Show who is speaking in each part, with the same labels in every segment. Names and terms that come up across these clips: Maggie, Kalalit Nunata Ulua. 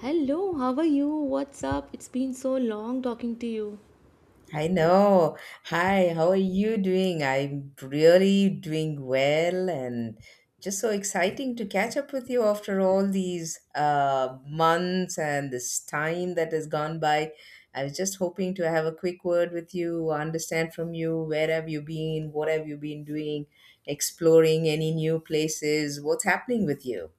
Speaker 1: Hello, how are you? What's up? It's been so long talking to you.
Speaker 2: I know. Hi, how are you doing? I'm really doing well and just so exciting to catch up with you after all these months and this time that has gone by. I was just hoping to have a quick word with you, understand from you where have you been, what have you been doing, exploring any new places, what's happening with you?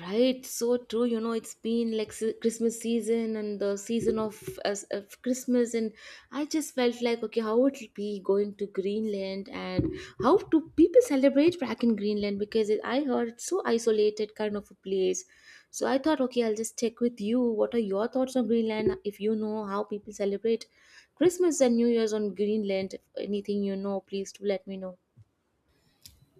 Speaker 1: Right, so true. You know, it's been like Christmas season and the season of Christmas, and I just felt like, okay, how would it be going to Greenland and how do people celebrate back in Greenland? I heard it's so isolated kind of a place. So I thought, okay, I'll just check with you. What are your thoughts on Greenland? If you know how people celebrate Christmas and New Year's on Greenland, if anything you know, please do let me know.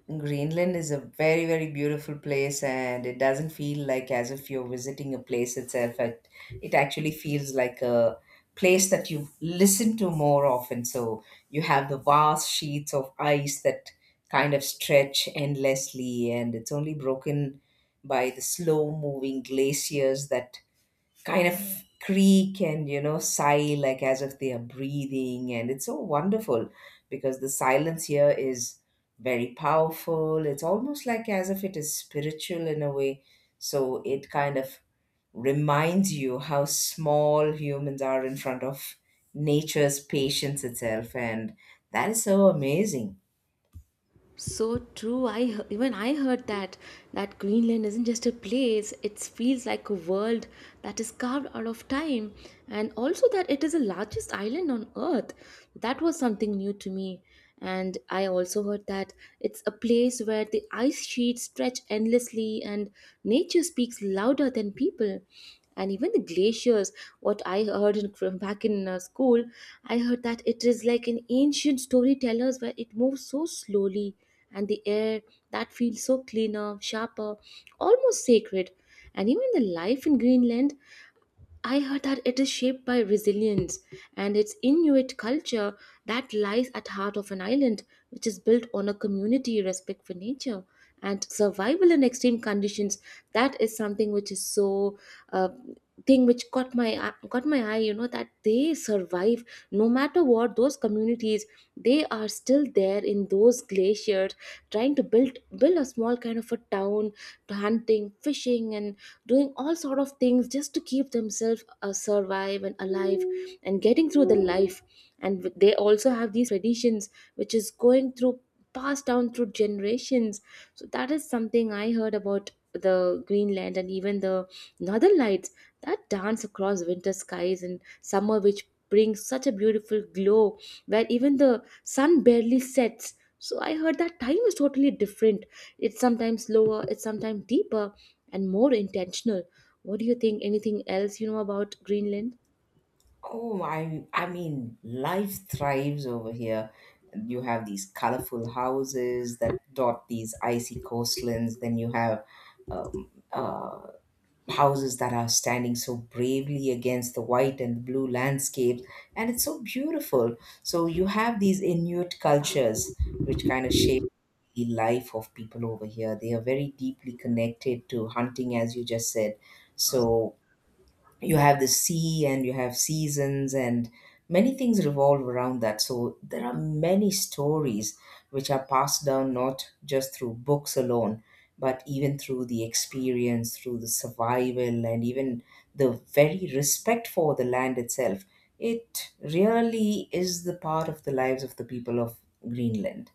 Speaker 2: Greenland is a very, very beautiful place, and it doesn't feel like as if you're visiting a place itself. It actually feels like a place that you listen to more often. So you have the vast sheets of ice that kind of stretch endlessly, and it's only broken by the slow moving glaciers that kind of creak and sigh like as if they are breathing, and it's so wonderful because the silence here is very powerful. It's almost like as if it is spiritual in a way, so it kind of reminds you how small humans are in front of nature's patience itself, and that is so amazing.
Speaker 1: So true. Even I heard that Greenland isn't just a place. It feels like a world that is carved out of time, and also that it is the largest island on Earth. That was something new to me. And I also heard that it's a place where the ice sheets stretch endlessly, and nature speaks louder than people. And even the glaciers, what I heard from back in school, I heard that it is like an ancient storytellers where it moves so slowly and the air that feels so cleaner, sharper, almost sacred. And even the life in Greenland, I heard that it is shaped by resilience and its Inuit culture that lies at heart of an island which is built on a community respect for nature and survival in extreme conditions. That is something which is so uh, thing which caught my eye. You know that they survive no matter what. Those communities, they are still there in those glaciers, trying to build a small kind of a town, to hunting, fishing, and doing all sort of things just to keep themselves survive and alive and getting through the life, and they also have these traditions which is going through, passed down through generations. So that is something I heard about the Greenland. And even the northern lights that dance across winter skies and summer, which brings such a beautiful glow where even the sun barely sets, so I heard that time is totally different. It's sometimes slower, it's sometimes deeper and more intentional. What do you think? Anything else you know about Greenland?
Speaker 2: Oh, I mean, life thrives over here. You have these colorful houses that dot these icy coastlines. Then you have um, uh, houses that are standing so bravely against the white and the blue landscapes, and it's so beautiful. So you have these Inuit cultures which kind of shape the life of people over here. They are very deeply connected to hunting, as you just said. So you have the sea and you have seasons, and many things revolve around that, so there are many stories which are passed down not just through books alone, but even through the experience, through the survival, and even the very respect for the land itself. It really is the part of the lives of the people of Greenland.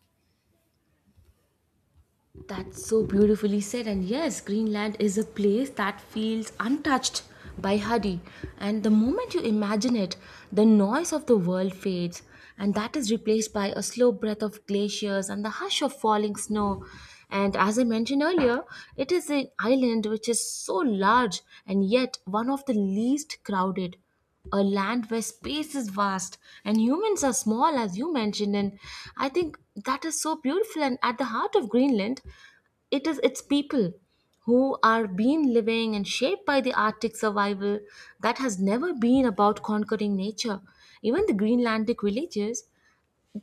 Speaker 1: That's so beautifully said. And yes, Greenland is a place that feels untouched by hurry. And the moment you imagine it, the noise of the world fades, and that is replaced by a slow breath of glaciers and the hush of falling snow. And as I mentioned earlier, it is an island which is so large and yet one of the least crowded, a land where space is vast and humans are small, as you mentioned. And I think that is so beautiful. And at the heart of Greenland, it is its people, who are being living and shaped by the arctic survival that has never been about conquering nature. Even the Greenlandic villages,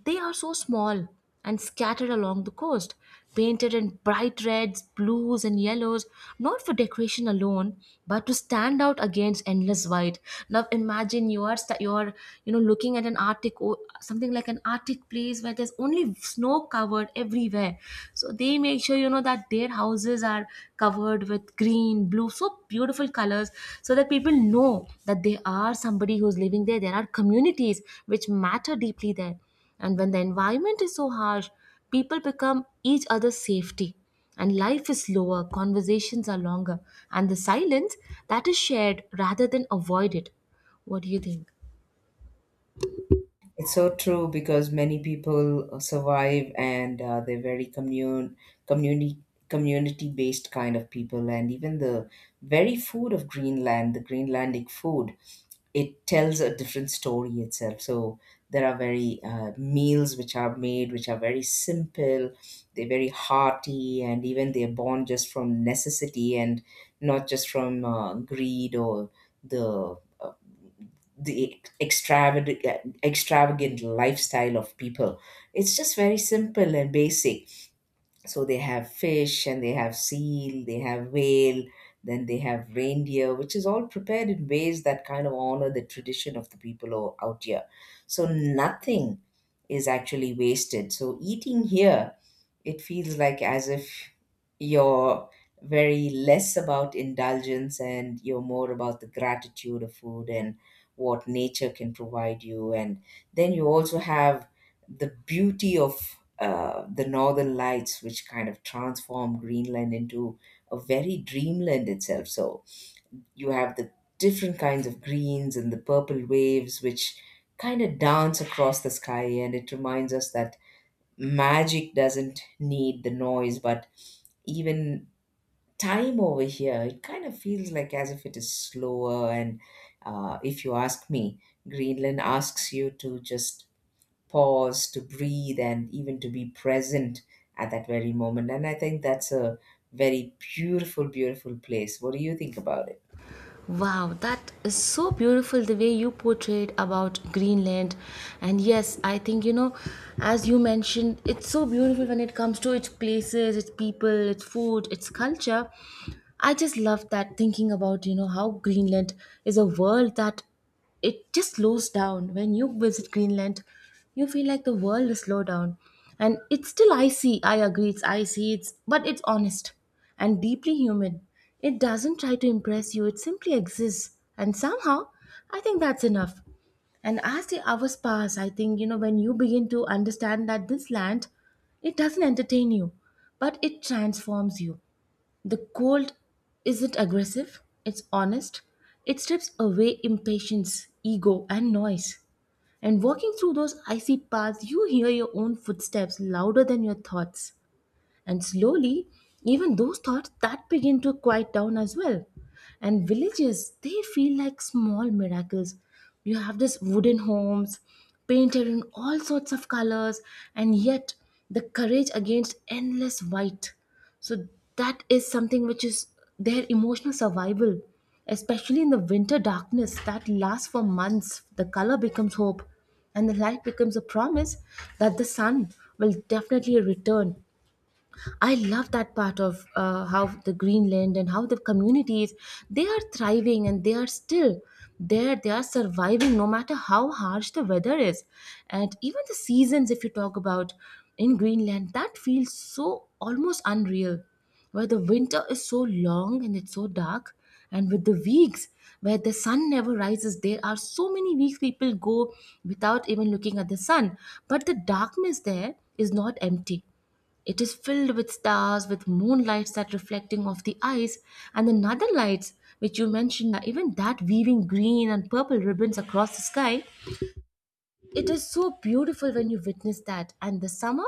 Speaker 1: they are so small and scattered along the coast, painted in bright reds, blues, and yellows, not for decoration alone, but to stand out against endless white. Now imagine you are you are, you know, looking at an something like an Arctic place where there's only snow covered everywhere. So they make sure, you know, that their houses are covered with green, blue, so beautiful colors, so that people know that they are somebody who's living there. There are communities which matter deeply there. And when the environment is so harsh, people become each other's safety. And life is slower, conversations are longer, and the silence that is shared rather than avoided. What do you think?
Speaker 2: It's so true because many people survive and community community based kind of people, and even the very food of Greenland, the Greenlandic food, it tells a different story itself. So there are very meals which are made which are very simple, they're very hearty, and even they're born just from necessity and not just from greed or the uh, the extravagant lifestyle of people. It's just very simple and basic. So they have fish, and they have seal, they have whale, then they have reindeer, which is all prepared in ways that kind of honor the tradition of the people out here. So nothing is actually wasted. So eating here, it feels like as if you're very less about indulgence and you're more about the gratitude of food and what nature can provide you. And then you also have the beauty of the northern lights, which kind of transform Greenland into a very dreamland itself. So you have the different kinds of greens and the purple waves, which kind of dance across the sky. And it reminds us that magic doesn't need the noise, but even time over here, it kind of feels like as if it is slower, and if you ask me, Greenland asks you to just pause, to breathe, and even to be present at that very moment. And I think that's a very beautiful place. What do you think about it?
Speaker 1: Wow, that is so beautiful the way you portrayed about Greenland. And yes, I think, you know, as you mentioned, it's so beautiful when it comes to its places, its people, its food, its culture. I just love that thinking about, you know, how Greenland is a world that it just slows down. When you visit Greenland, you feel like the world is slow down. And it's still icy, I agree, it's icy, it's but it's honest and deeply human. It doesn't try to impress you, it simply exists, and somehow I think that's enough. And as the hours pass, I think, you know, when you begin to understand that this land, it doesn't entertain you, but it transforms you. The cold isn't aggressive, it's honest. It strips away impatience, ego, and noise. And walking through those icy paths, you hear your own footsteps louder than your thoughts. And slowly, even those thoughts that begin to quiet down as well. And villages, they feel like small miracles. You have this wooden homes painted in all sorts of colors, and yet the courage against endless white. So that is something which is their emotional survival, especially in the winter darkness that lasts for months. The color becomes hope, and the light becomes a promise that the sun will definitely return. I love that part of how the Greenland and how the communities, they are thriving and they are still there. They are surviving no matter how harsh the weather is, and even the seasons. If you talk about in Greenland, that feels so almost unreal, where the winter is so long and it's so dark, and with the weeks where the sun never rises, there are so many weeks people go without even looking at the sun. But the darkness there is not empty, it is filled with stars, with moonlights that reflecting off the ice, and the northern lights, which you mentioned, even that weaving green and purple ribbons across the sky. It is so beautiful when you witness that. And the summer,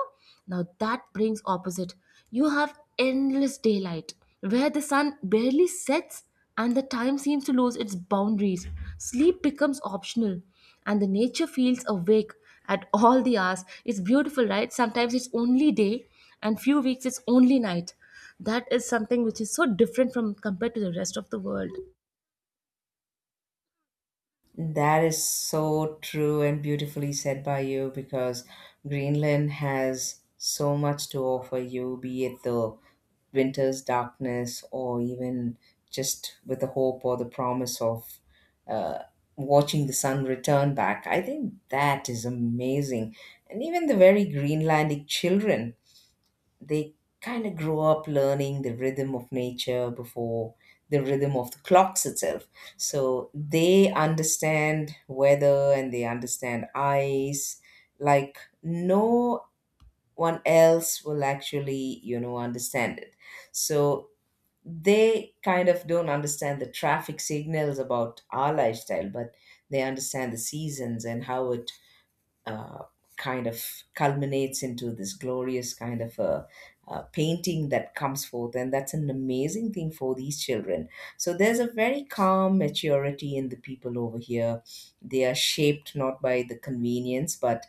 Speaker 1: now that brings opposite. You have endless daylight where the sun barely sets, and the time seems to lose its boundaries. Sleep becomes optional, and the nature feels awake at all the hours. It's beautiful, right? Sometimes it's only day, and few weeks it's only night. That is something which is so different from compared to the rest of the world.
Speaker 2: That is so true and beautifully said by you, because Greenland has so much to offer you, be it the winter's darkness or even just with the hope or the promise of uh, watching the sun return back. I think that is amazing. And even the very Greenlandic children, they kind of grow up learning the rhythm of nature before the rhythm of the clocks itself. So they understand weather and they understand ice like no one else will actually, you know, understand it. So they kind of don't understand the traffic signals about our lifestyle, but they understand the seasons and how it uh, kind of culminates into this glorious kind of a, painting that comes forth. And that's an amazing thing for these children. So there's a very calm maturity in the people over here. They are shaped not by the convenience, but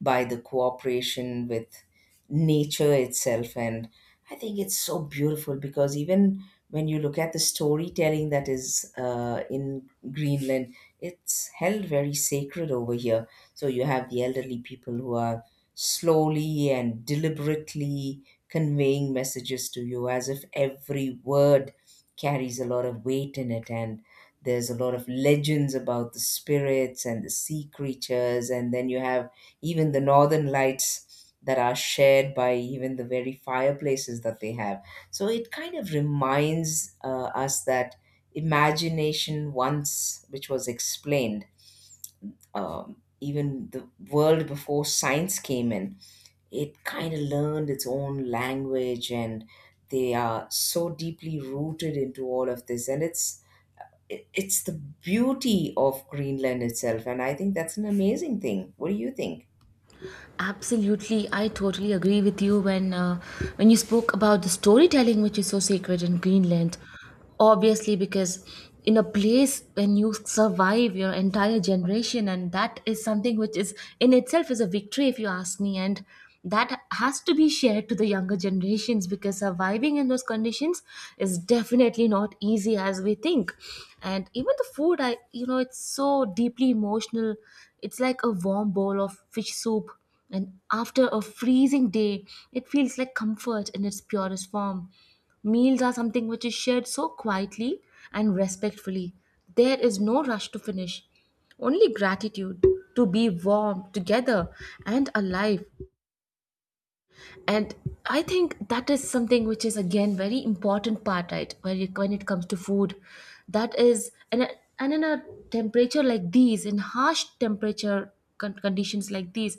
Speaker 2: by the cooperation with nature itself. And I think it's so beautiful, because even when you look at the storytelling that is in Greenland, it's held very sacred over here. So you have the elderly people who are slowly and deliberately conveying messages to you as if every word carries a lot of weight in it. And there's a lot of legends about the spirits and the sea creatures, and then you have even the northern lights that are shared by even the very fireplaces that they have. So it kind of reminds us that imagination, once which was explained, even the world before science came in, it kind of learned its own language, and they are so deeply rooted into all of this. And it's it's the beauty of Greenland itself, and I think that's an amazing thing. What do you think?
Speaker 1: Absolutely, I totally agree with you when you spoke about the storytelling, which is so sacred in Greenland. Obviously, because in a place when you survive your entire generation, and that is something which is in itself is a victory, if you ask me, and that has to be shared to the younger generations, because surviving in those conditions is definitely not easy as we think. And even the food, I, you know, it's so deeply emotional. It's like a warm bowl of fish soup, and after a freezing day, it feels like comfort in its purest form. Meals are something which is shared so quietly and respectfully. There is no rush to finish, only gratitude to be warm together and alive. And I think that is something which is again very important part, right, when it comes to food. That is, and in a temperature like these, in harsh temperature conditions like these,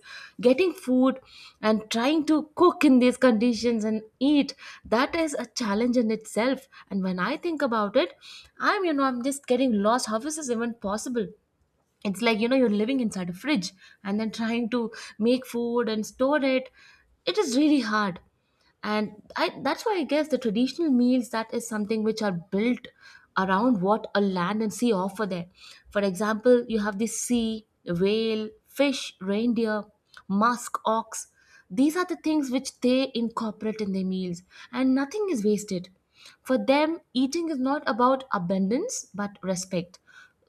Speaker 1: getting food and trying to cook in these conditions and eat, that is a challenge in itself. And when I think about it, I'm, you know, I'm just getting lost, how is this even possible. It's like, you know, you're living inside a fridge and then trying to make food and store it. It is really hard. And I, that's why I guess the traditional meals, that is something which are built around what a land and sea offer there. For example, you have the sea, whale, fish, reindeer, musk ox. These are the things which they incorporate in their meals, and nothing is wasted. For them, eating is not about abundance but respect.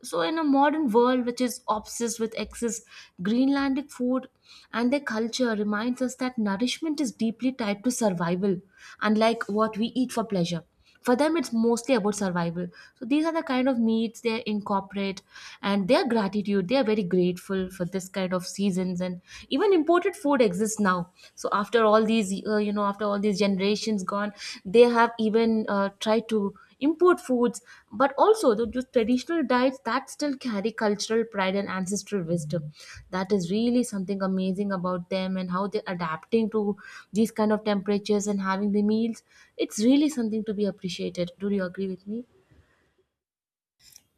Speaker 1: So, in a modern world which is obsessed with excess, Greenlandic food and their culture reminds us that nourishment is deeply tied to survival, unlike what we eat for pleasure. For them, it's mostly about survival. So, these are the kind of meats they incorporate, and their gratitude, they are very grateful for this kind of seasons. And even imported food exists now. So, after all these, you know, after all these generations gone, they have even tried to import foods, but also the traditional diets that still carry cultural pride and ancestral wisdom. That is really something amazing about them and how they're adapting to these kind of temperatures and having the meals. It's really something to be appreciated. Do you agree with me?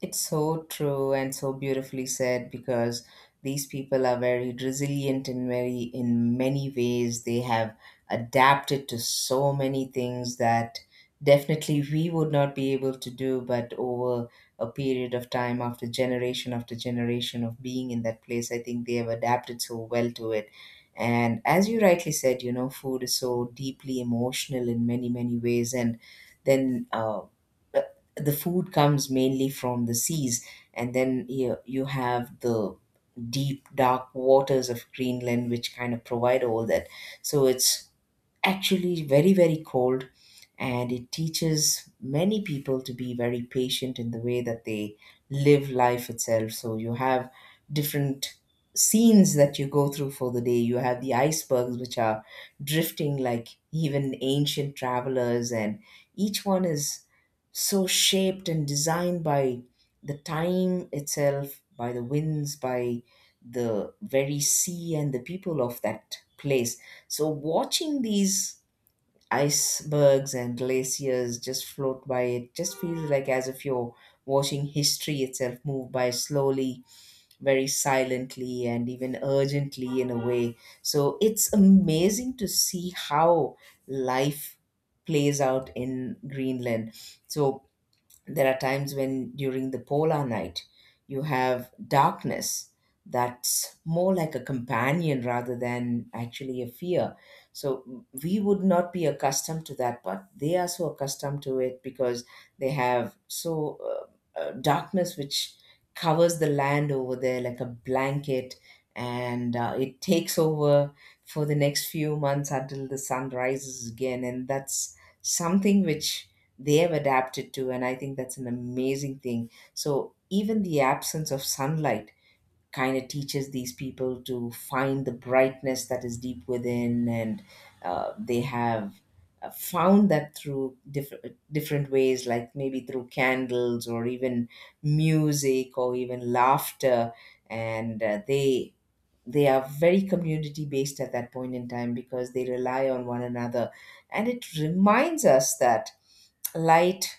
Speaker 2: It's so true and so beautifully said, because these people are very resilient and very, in many ways, they have adapted to so many things that definitely we would not be able to do. But over a period of time, after generation of being in that place, I think they have adapted so well to it. And as you rightly said, you know, food is so deeply emotional in many, many ways. And then, the food comes mainly from the seas, and then you have the deep dark waters of Greenland which kind of provide all that. So it's actually very, very cold. And it teaches many people to be very patient in the way that they live life itself. So you have different scenes that you go through for the day. You have the icebergs, which are drifting like even ancient travelers, and each one is so shaped and designed by the time itself, by the winds, by the very sea and the people of that place. So watching these icebergs and glaciers just float by, it just feels like as if you're watching history itself move by slowly, very silently, and even urgently in a way. So it's amazing to see how life plays out in Greenland. So there are times when during the polar night you have darkness that's more like a companion rather than actually a fear. So we would not be accustomed to that, but they are so accustomed to it because they have so darkness which covers the land over there like a blanket, and it takes over for the next few months until the sun rises again. And that's something which they have adapted to, and I think that's an amazing thing. So even the absence of sunlight kind of teaches these people to find the brightness that is deep within. And they have found that through different ways, like maybe through candles or even music or even laughter. And they are very community based at that point in time, because they rely on one another, and it reminds us that light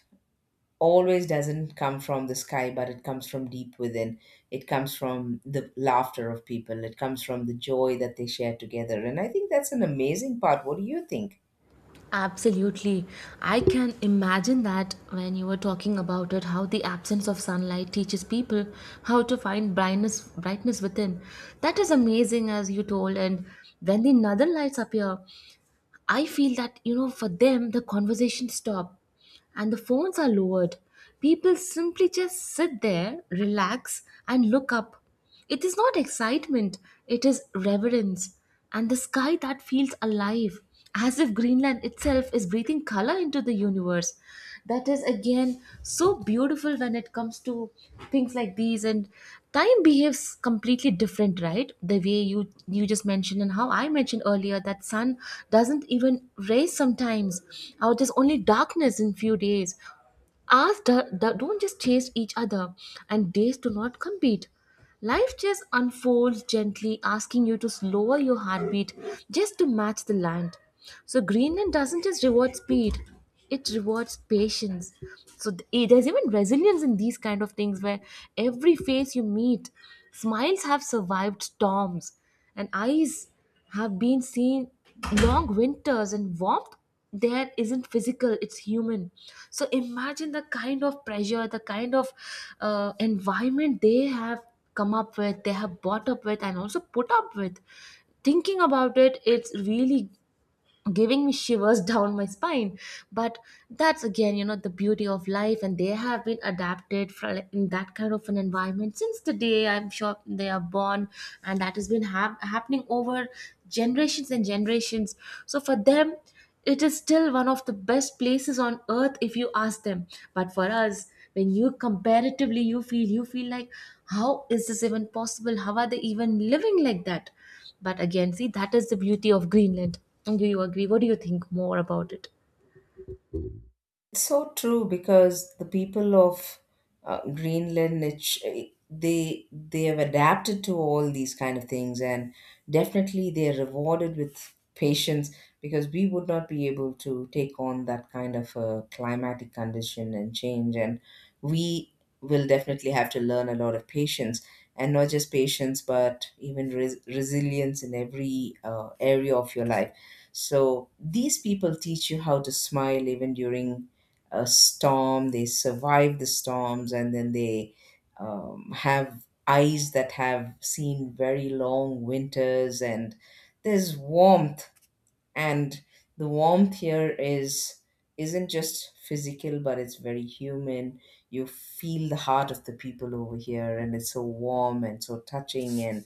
Speaker 2: always doesn't come from the sky, but it comes from deep within. It comes from the laughter of people. It comes from the joy that they share together. And I think that's an amazing part. What do you think?
Speaker 1: Absolutely. I can imagine that when you were talking about it, how the absence of sunlight teaches people how to find brightness within. That is amazing as you told. And when the northern lights appear, I feel that, you know, for them, the conversation stop and the phones are lowered. People simply just sit there, relax, and look up. It is not excitement, it is reverence. And the sky that feels alive, as if Greenland itself is breathing color into the universe. That is again so beautiful when it comes to things like these. And time behaves completely different, right, the way you just mentioned, and how I mentioned earlier that sun doesn't even rays sometimes out. It is only darkness in few days. Ask don't just chase each other, and days do not compete. Life just unfolds gently, asking you to lower your heartbeat just to match the land. So Greenland doesn't just reward speed; it rewards patience. There's even resilience in these kind of things, where every face you meet, smiles have survived storms, and eyes have been seen long winters and warmth. There isn't physical, it's human. So imagine the kind of pressure, the kind of environment they have come up with, they have bought up with, and also put up with. Thinking about it, it's really giving me shivers down my spine. But that's again, you know, the beauty of life, and they have been adapted for, like, in that kind of an environment since the day, I'm sure, they are born. And that has been happening over generations and generations. So for them, it is still one of the best places on earth if you ask them. But for us, when you comparatively, you feel, you feel like, how is this even possible? How are they even living like that? But again, see, that is the beauty of Greenland. Do you agree? What do you think more about it?
Speaker 2: It's so true, because the people of Greenland, they have adapted to all these kind of things, and definitely they are rewarded with patience, because we would not be able to take on that kind of a climatic condition and change, and we will definitely have to learn a lot of patience, and not just patience, but even resilience in every area of your life. So these people teach you how to smile even during a storm. They survive the storms, and then they have eyes that have seen very long winters, and there's warmth, and the warmth here is isn't just physical, but it's very human. You feel the heart of the people over here, and it's so warm and so touching. And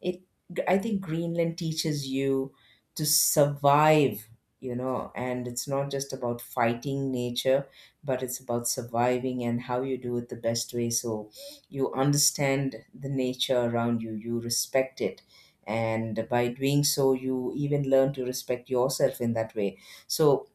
Speaker 2: it, I think Greenland teaches you to survive, you know, and it's not just about fighting nature, but it's about surviving and how you do it the best way. So you understand the nature around you, you respect it, and by doing so, you even learn to respect yourself in that way. So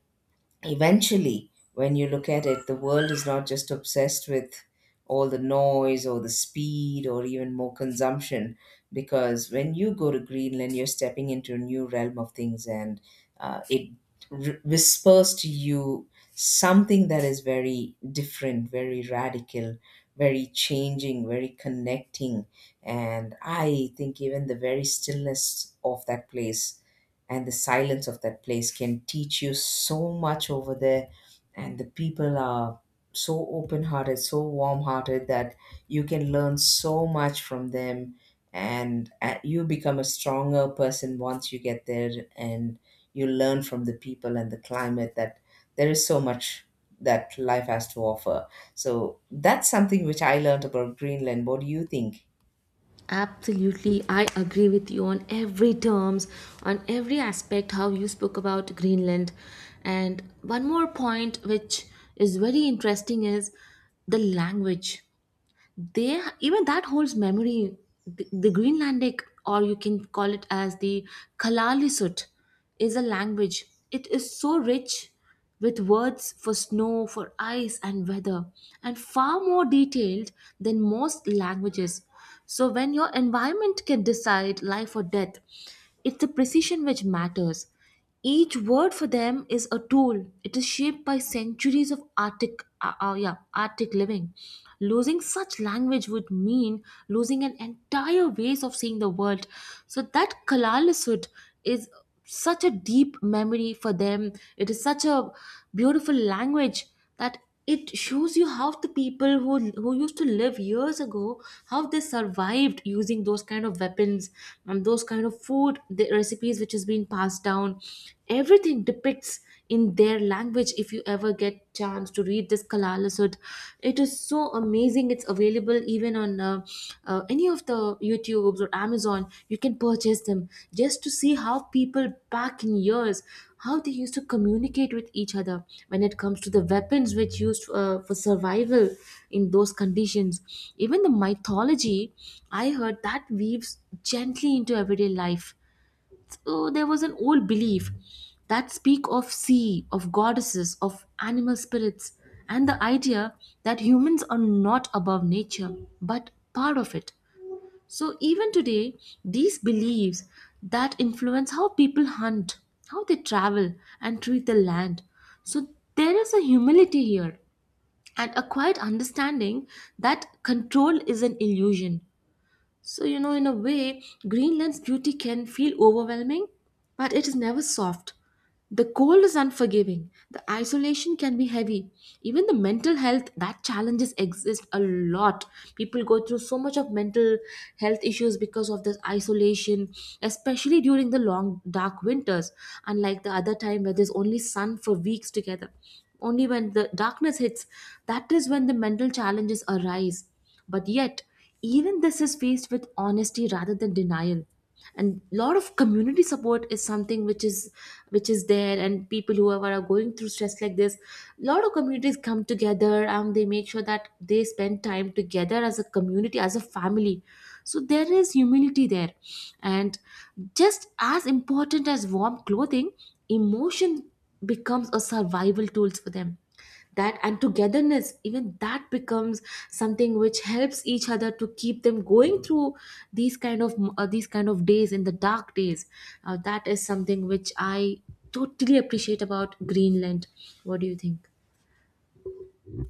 Speaker 2: eventually, when you look at it, the world is not just obsessed with all the noise or the speed or even more consumption. Because when you go to Greenland, you're stepping into a new realm of things, and it whispers to you something that is very different, very radical, very changing, very connecting. And I think even the very stillness of that place and the silence of that place can teach you so much over there, and the people are so open hearted, so warm hearted that you can learn so much from them. And you become a stronger person once you get there, and you learn from the people and the climate that there is so much that life has to offer. So that's something which I learned about Greenland. What do you think?
Speaker 1: Absolutely, I agree with you on every terms, on every aspect how you spoke about Greenland. And one more point which is very interesting is the language. They even that holds memory. The Greenlandic, or you can call it as the Kalaallisut, is a language. It is so rich with words for snow, for ice and weather, and far more detailed than most languages. So when your environment can decide life or death, it's the precision which matters. Each word for them is a tool. It is shaped by centuries of Arctic, yeah, Arctic living. Losing such language would mean losing an entire ways of seeing the world. So that Kalalasud is such a deep memory for them. It is such a beautiful language, that it shows you how the people who used to live years ago, how they survived using those kind of weapons and those kind of food, the recipes which has been passed down. Everything depicts in their language. If you ever get chance to read this Kalalasud, it is so amazing. It's available even on any of the YouTubes or Amazon, you can purchase them, just to see how people back in years, how they used to communicate with each other when it comes to the weapons which used for survival in those conditions. Even the mythology, I heard, that weaves gently into everyday life. So there was an old belief that speak of sea, of goddesses, of animal spirits, and the idea that humans are not above nature, but part of it. So, even today, these beliefs that influence how people hunt, how they travel, and treat the land. So, there is a humility here and a quiet understanding that control is an illusion. So, you know, in a way, Greenland's beauty can feel overwhelming, but it is never soft. The cold is unforgiving, the isolation can be heavy. Even the mental health, that challenges exist a lot. People go through so much of mental health issues because of this isolation, especially during the long dark winters, unlike the other time where there's only sun for weeks together. Only when the darkness hits, that is when the mental challenges arise. But yet, even this is faced with honesty rather than denial, and a lot of community support is something which is there, and people whoever are going through stress like this, a lot of communities come together and they make sure that they spend time together as a community, as a family. So there is humility there, and just as important as warm clothing, emotion becomes a survival tools for them. That and togetherness, even that becomes something which helps each other to keep them going through these kind of days, in the dark days. That is something which I totally appreciate about Greenland. What do you think?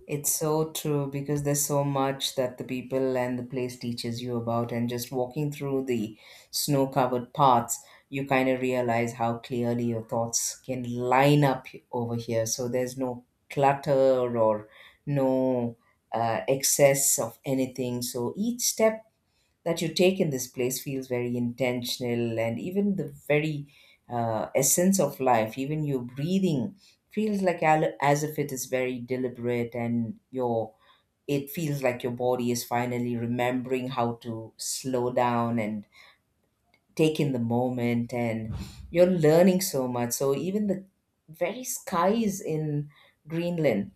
Speaker 2: It's so true, because there's so much that the people and the place teaches you about, and just walking through the snow covered paths, you kind of realize how clearly your thoughts can line up over here. So there's no clutter or no excess of anything. So each step that you take in this place feels very intentional, and even the very essence of life, even your breathing, feels like as if it is very deliberate, and your, it feels like your body is finally remembering how to slow down and take in the moment, and you're learning so much. So even the very skies in Greenland,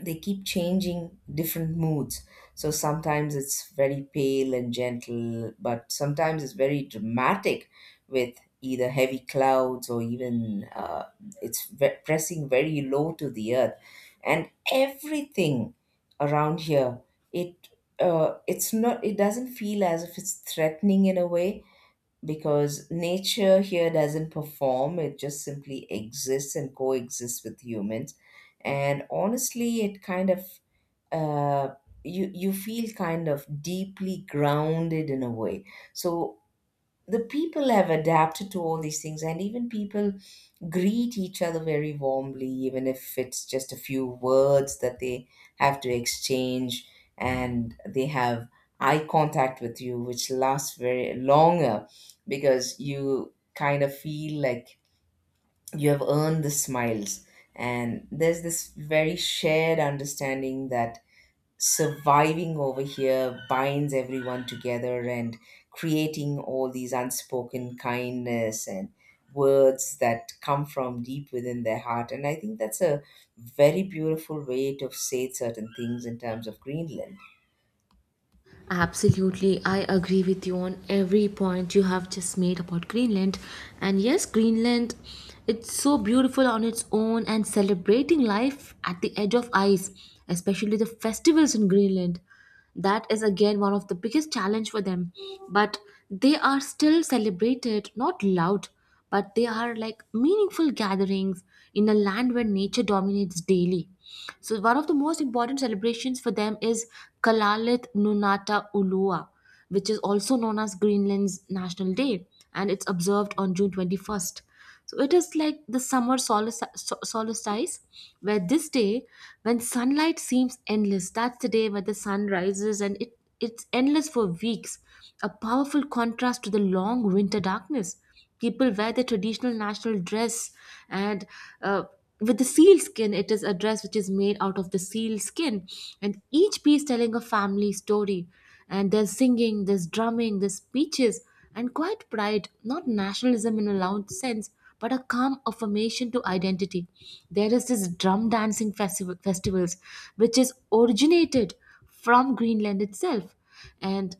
Speaker 2: they keep changing different moods. So sometimes it's very pale and gentle, but sometimes it's very dramatic with either heavy clouds, or even it's pressing very low to the earth. And everything around here, it, it's not, it doesn't feel as if it's threatening in a way, because nature here doesn't perform, it just simply exists and coexists with humans. And honestly, it kind of uh, you feel kind of deeply grounded in a way. So the people have adapted to all these things, and even people greet each other very warmly, even if it's just a few words that they have to exchange, and they have eye contact with you, which lasts very longer, because you kind of feel like you have earned the smiles. And there's this very shared understanding that surviving over here binds everyone together, and creating all these unspoken kindness and words that come from deep within their heart. And I think that's a very beautiful way to say certain things in terms of Greenland.
Speaker 1: Absolutely, I agree with you on every point you have just made about Greenland. And yes, Greenland, it's so beautiful on its own, and celebrating life at the edge of ice, especially the festivals in Greenland. That is again one of the biggest challenge for them, but they are still celebrated, not loud, but they are like meaningful gatherings in a land where nature dominates daily. So one of the most important celebrations for them is Kalalit Nunata Ulua, which is also known as Greenland's National Day, and it's observed on June 21st. So it is like the solstice, where this day, when sunlight seems endless, that's the day where the sun rises and it's endless for weeks, a powerful contrast to the long winter darkness. People wear the traditional national dress, and uh, with the seal skin, it is a dress which is made out of the seal skin, and each piece telling a family story. And there's singing, there's drumming, there's speeches and quiet pride, not nationalism in a loud sense, but a calm affirmation to identity. There is this drum dancing festivals, which is originated from Greenland itself. And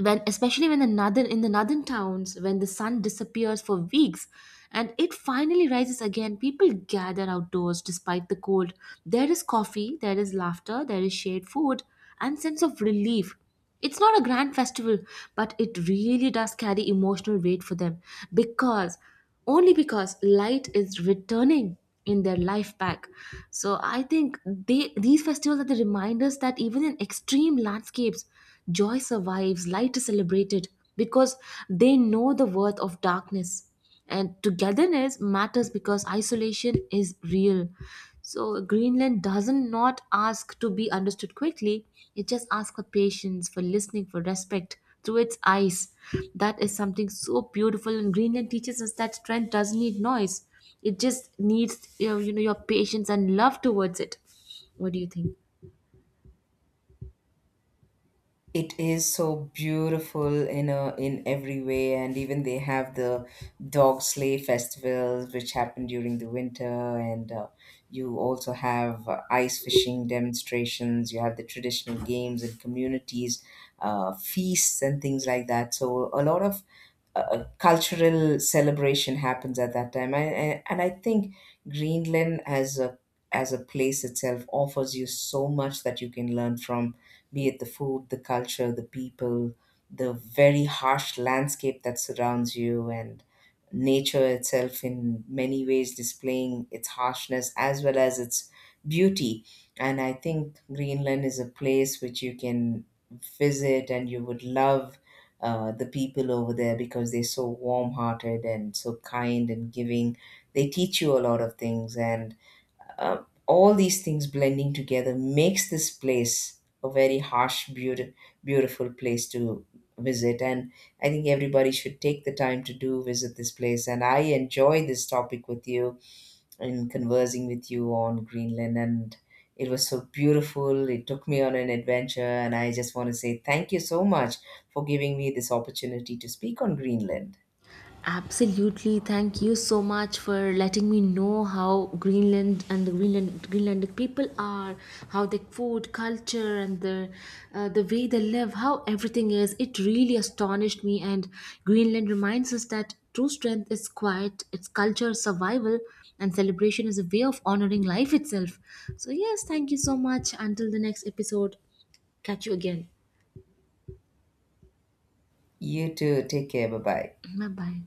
Speaker 1: when, especially when the northern, in the northern towns, when the sun disappears for weeks and it finally rises again, people gather outdoors despite the cold. There is coffee, there is laughter, there is shared food and sense of relief. It's not a grand festival, but it really does carry emotional weight for them, because only because light is returning in their life back. So I think they, these festivals are the reminders that even in extreme landscapes, joy survives, light is celebrated, because they know the worth of darkness, and togetherness matters because isolation is real. So Greenland doesn't not ask to be understood quickly. It just asks for patience, for listening, for respect through its eyes. That is something so beautiful. And Greenland teaches us that strength doesn't need noise. It just needs, you know your patience and love towards it. What do you think?
Speaker 2: It is so beautiful in a, in every way, and even they have the dog sleigh festivals, which happen during the winter, and you also have ice fishing demonstrations. You have the traditional games and communities, feasts and things like that. So a lot of cultural celebration happens at that time, and I think Greenland as a, as a place itself offers you so much that you can learn from, be it the food, the culture, the people, the very harsh landscape that surrounds you, and nature itself in many ways displaying its harshness as well as its beauty. And I think Greenland is a place which you can visit, and you would love the people over there, because they're so warm hearted and so kind and giving. They teach you a lot of things, and uh, all these things blending together makes this place a very harsh, beautiful, beautiful place to visit. And I think everybody should take the time to do visit this place. And I enjoy this topic with you in conversing with you on Greenland, and it was so beautiful. It took me on an adventure, and I just want to say thank you so much for giving me this opportunity to speak on Greenland.
Speaker 1: Absolutely. Thank you so much for letting me know how Greenland and the Greenlandic people are, how their food, culture, and the way they live, how everything is. It really astonished me. And Greenland reminds us that true strength is quiet, its culture, survival, and celebration is a way of honoring life itself. So yes, thank you so much. Until the next episode, catch you again.
Speaker 2: You too. Take care. Bye bye.
Speaker 1: Bye bye.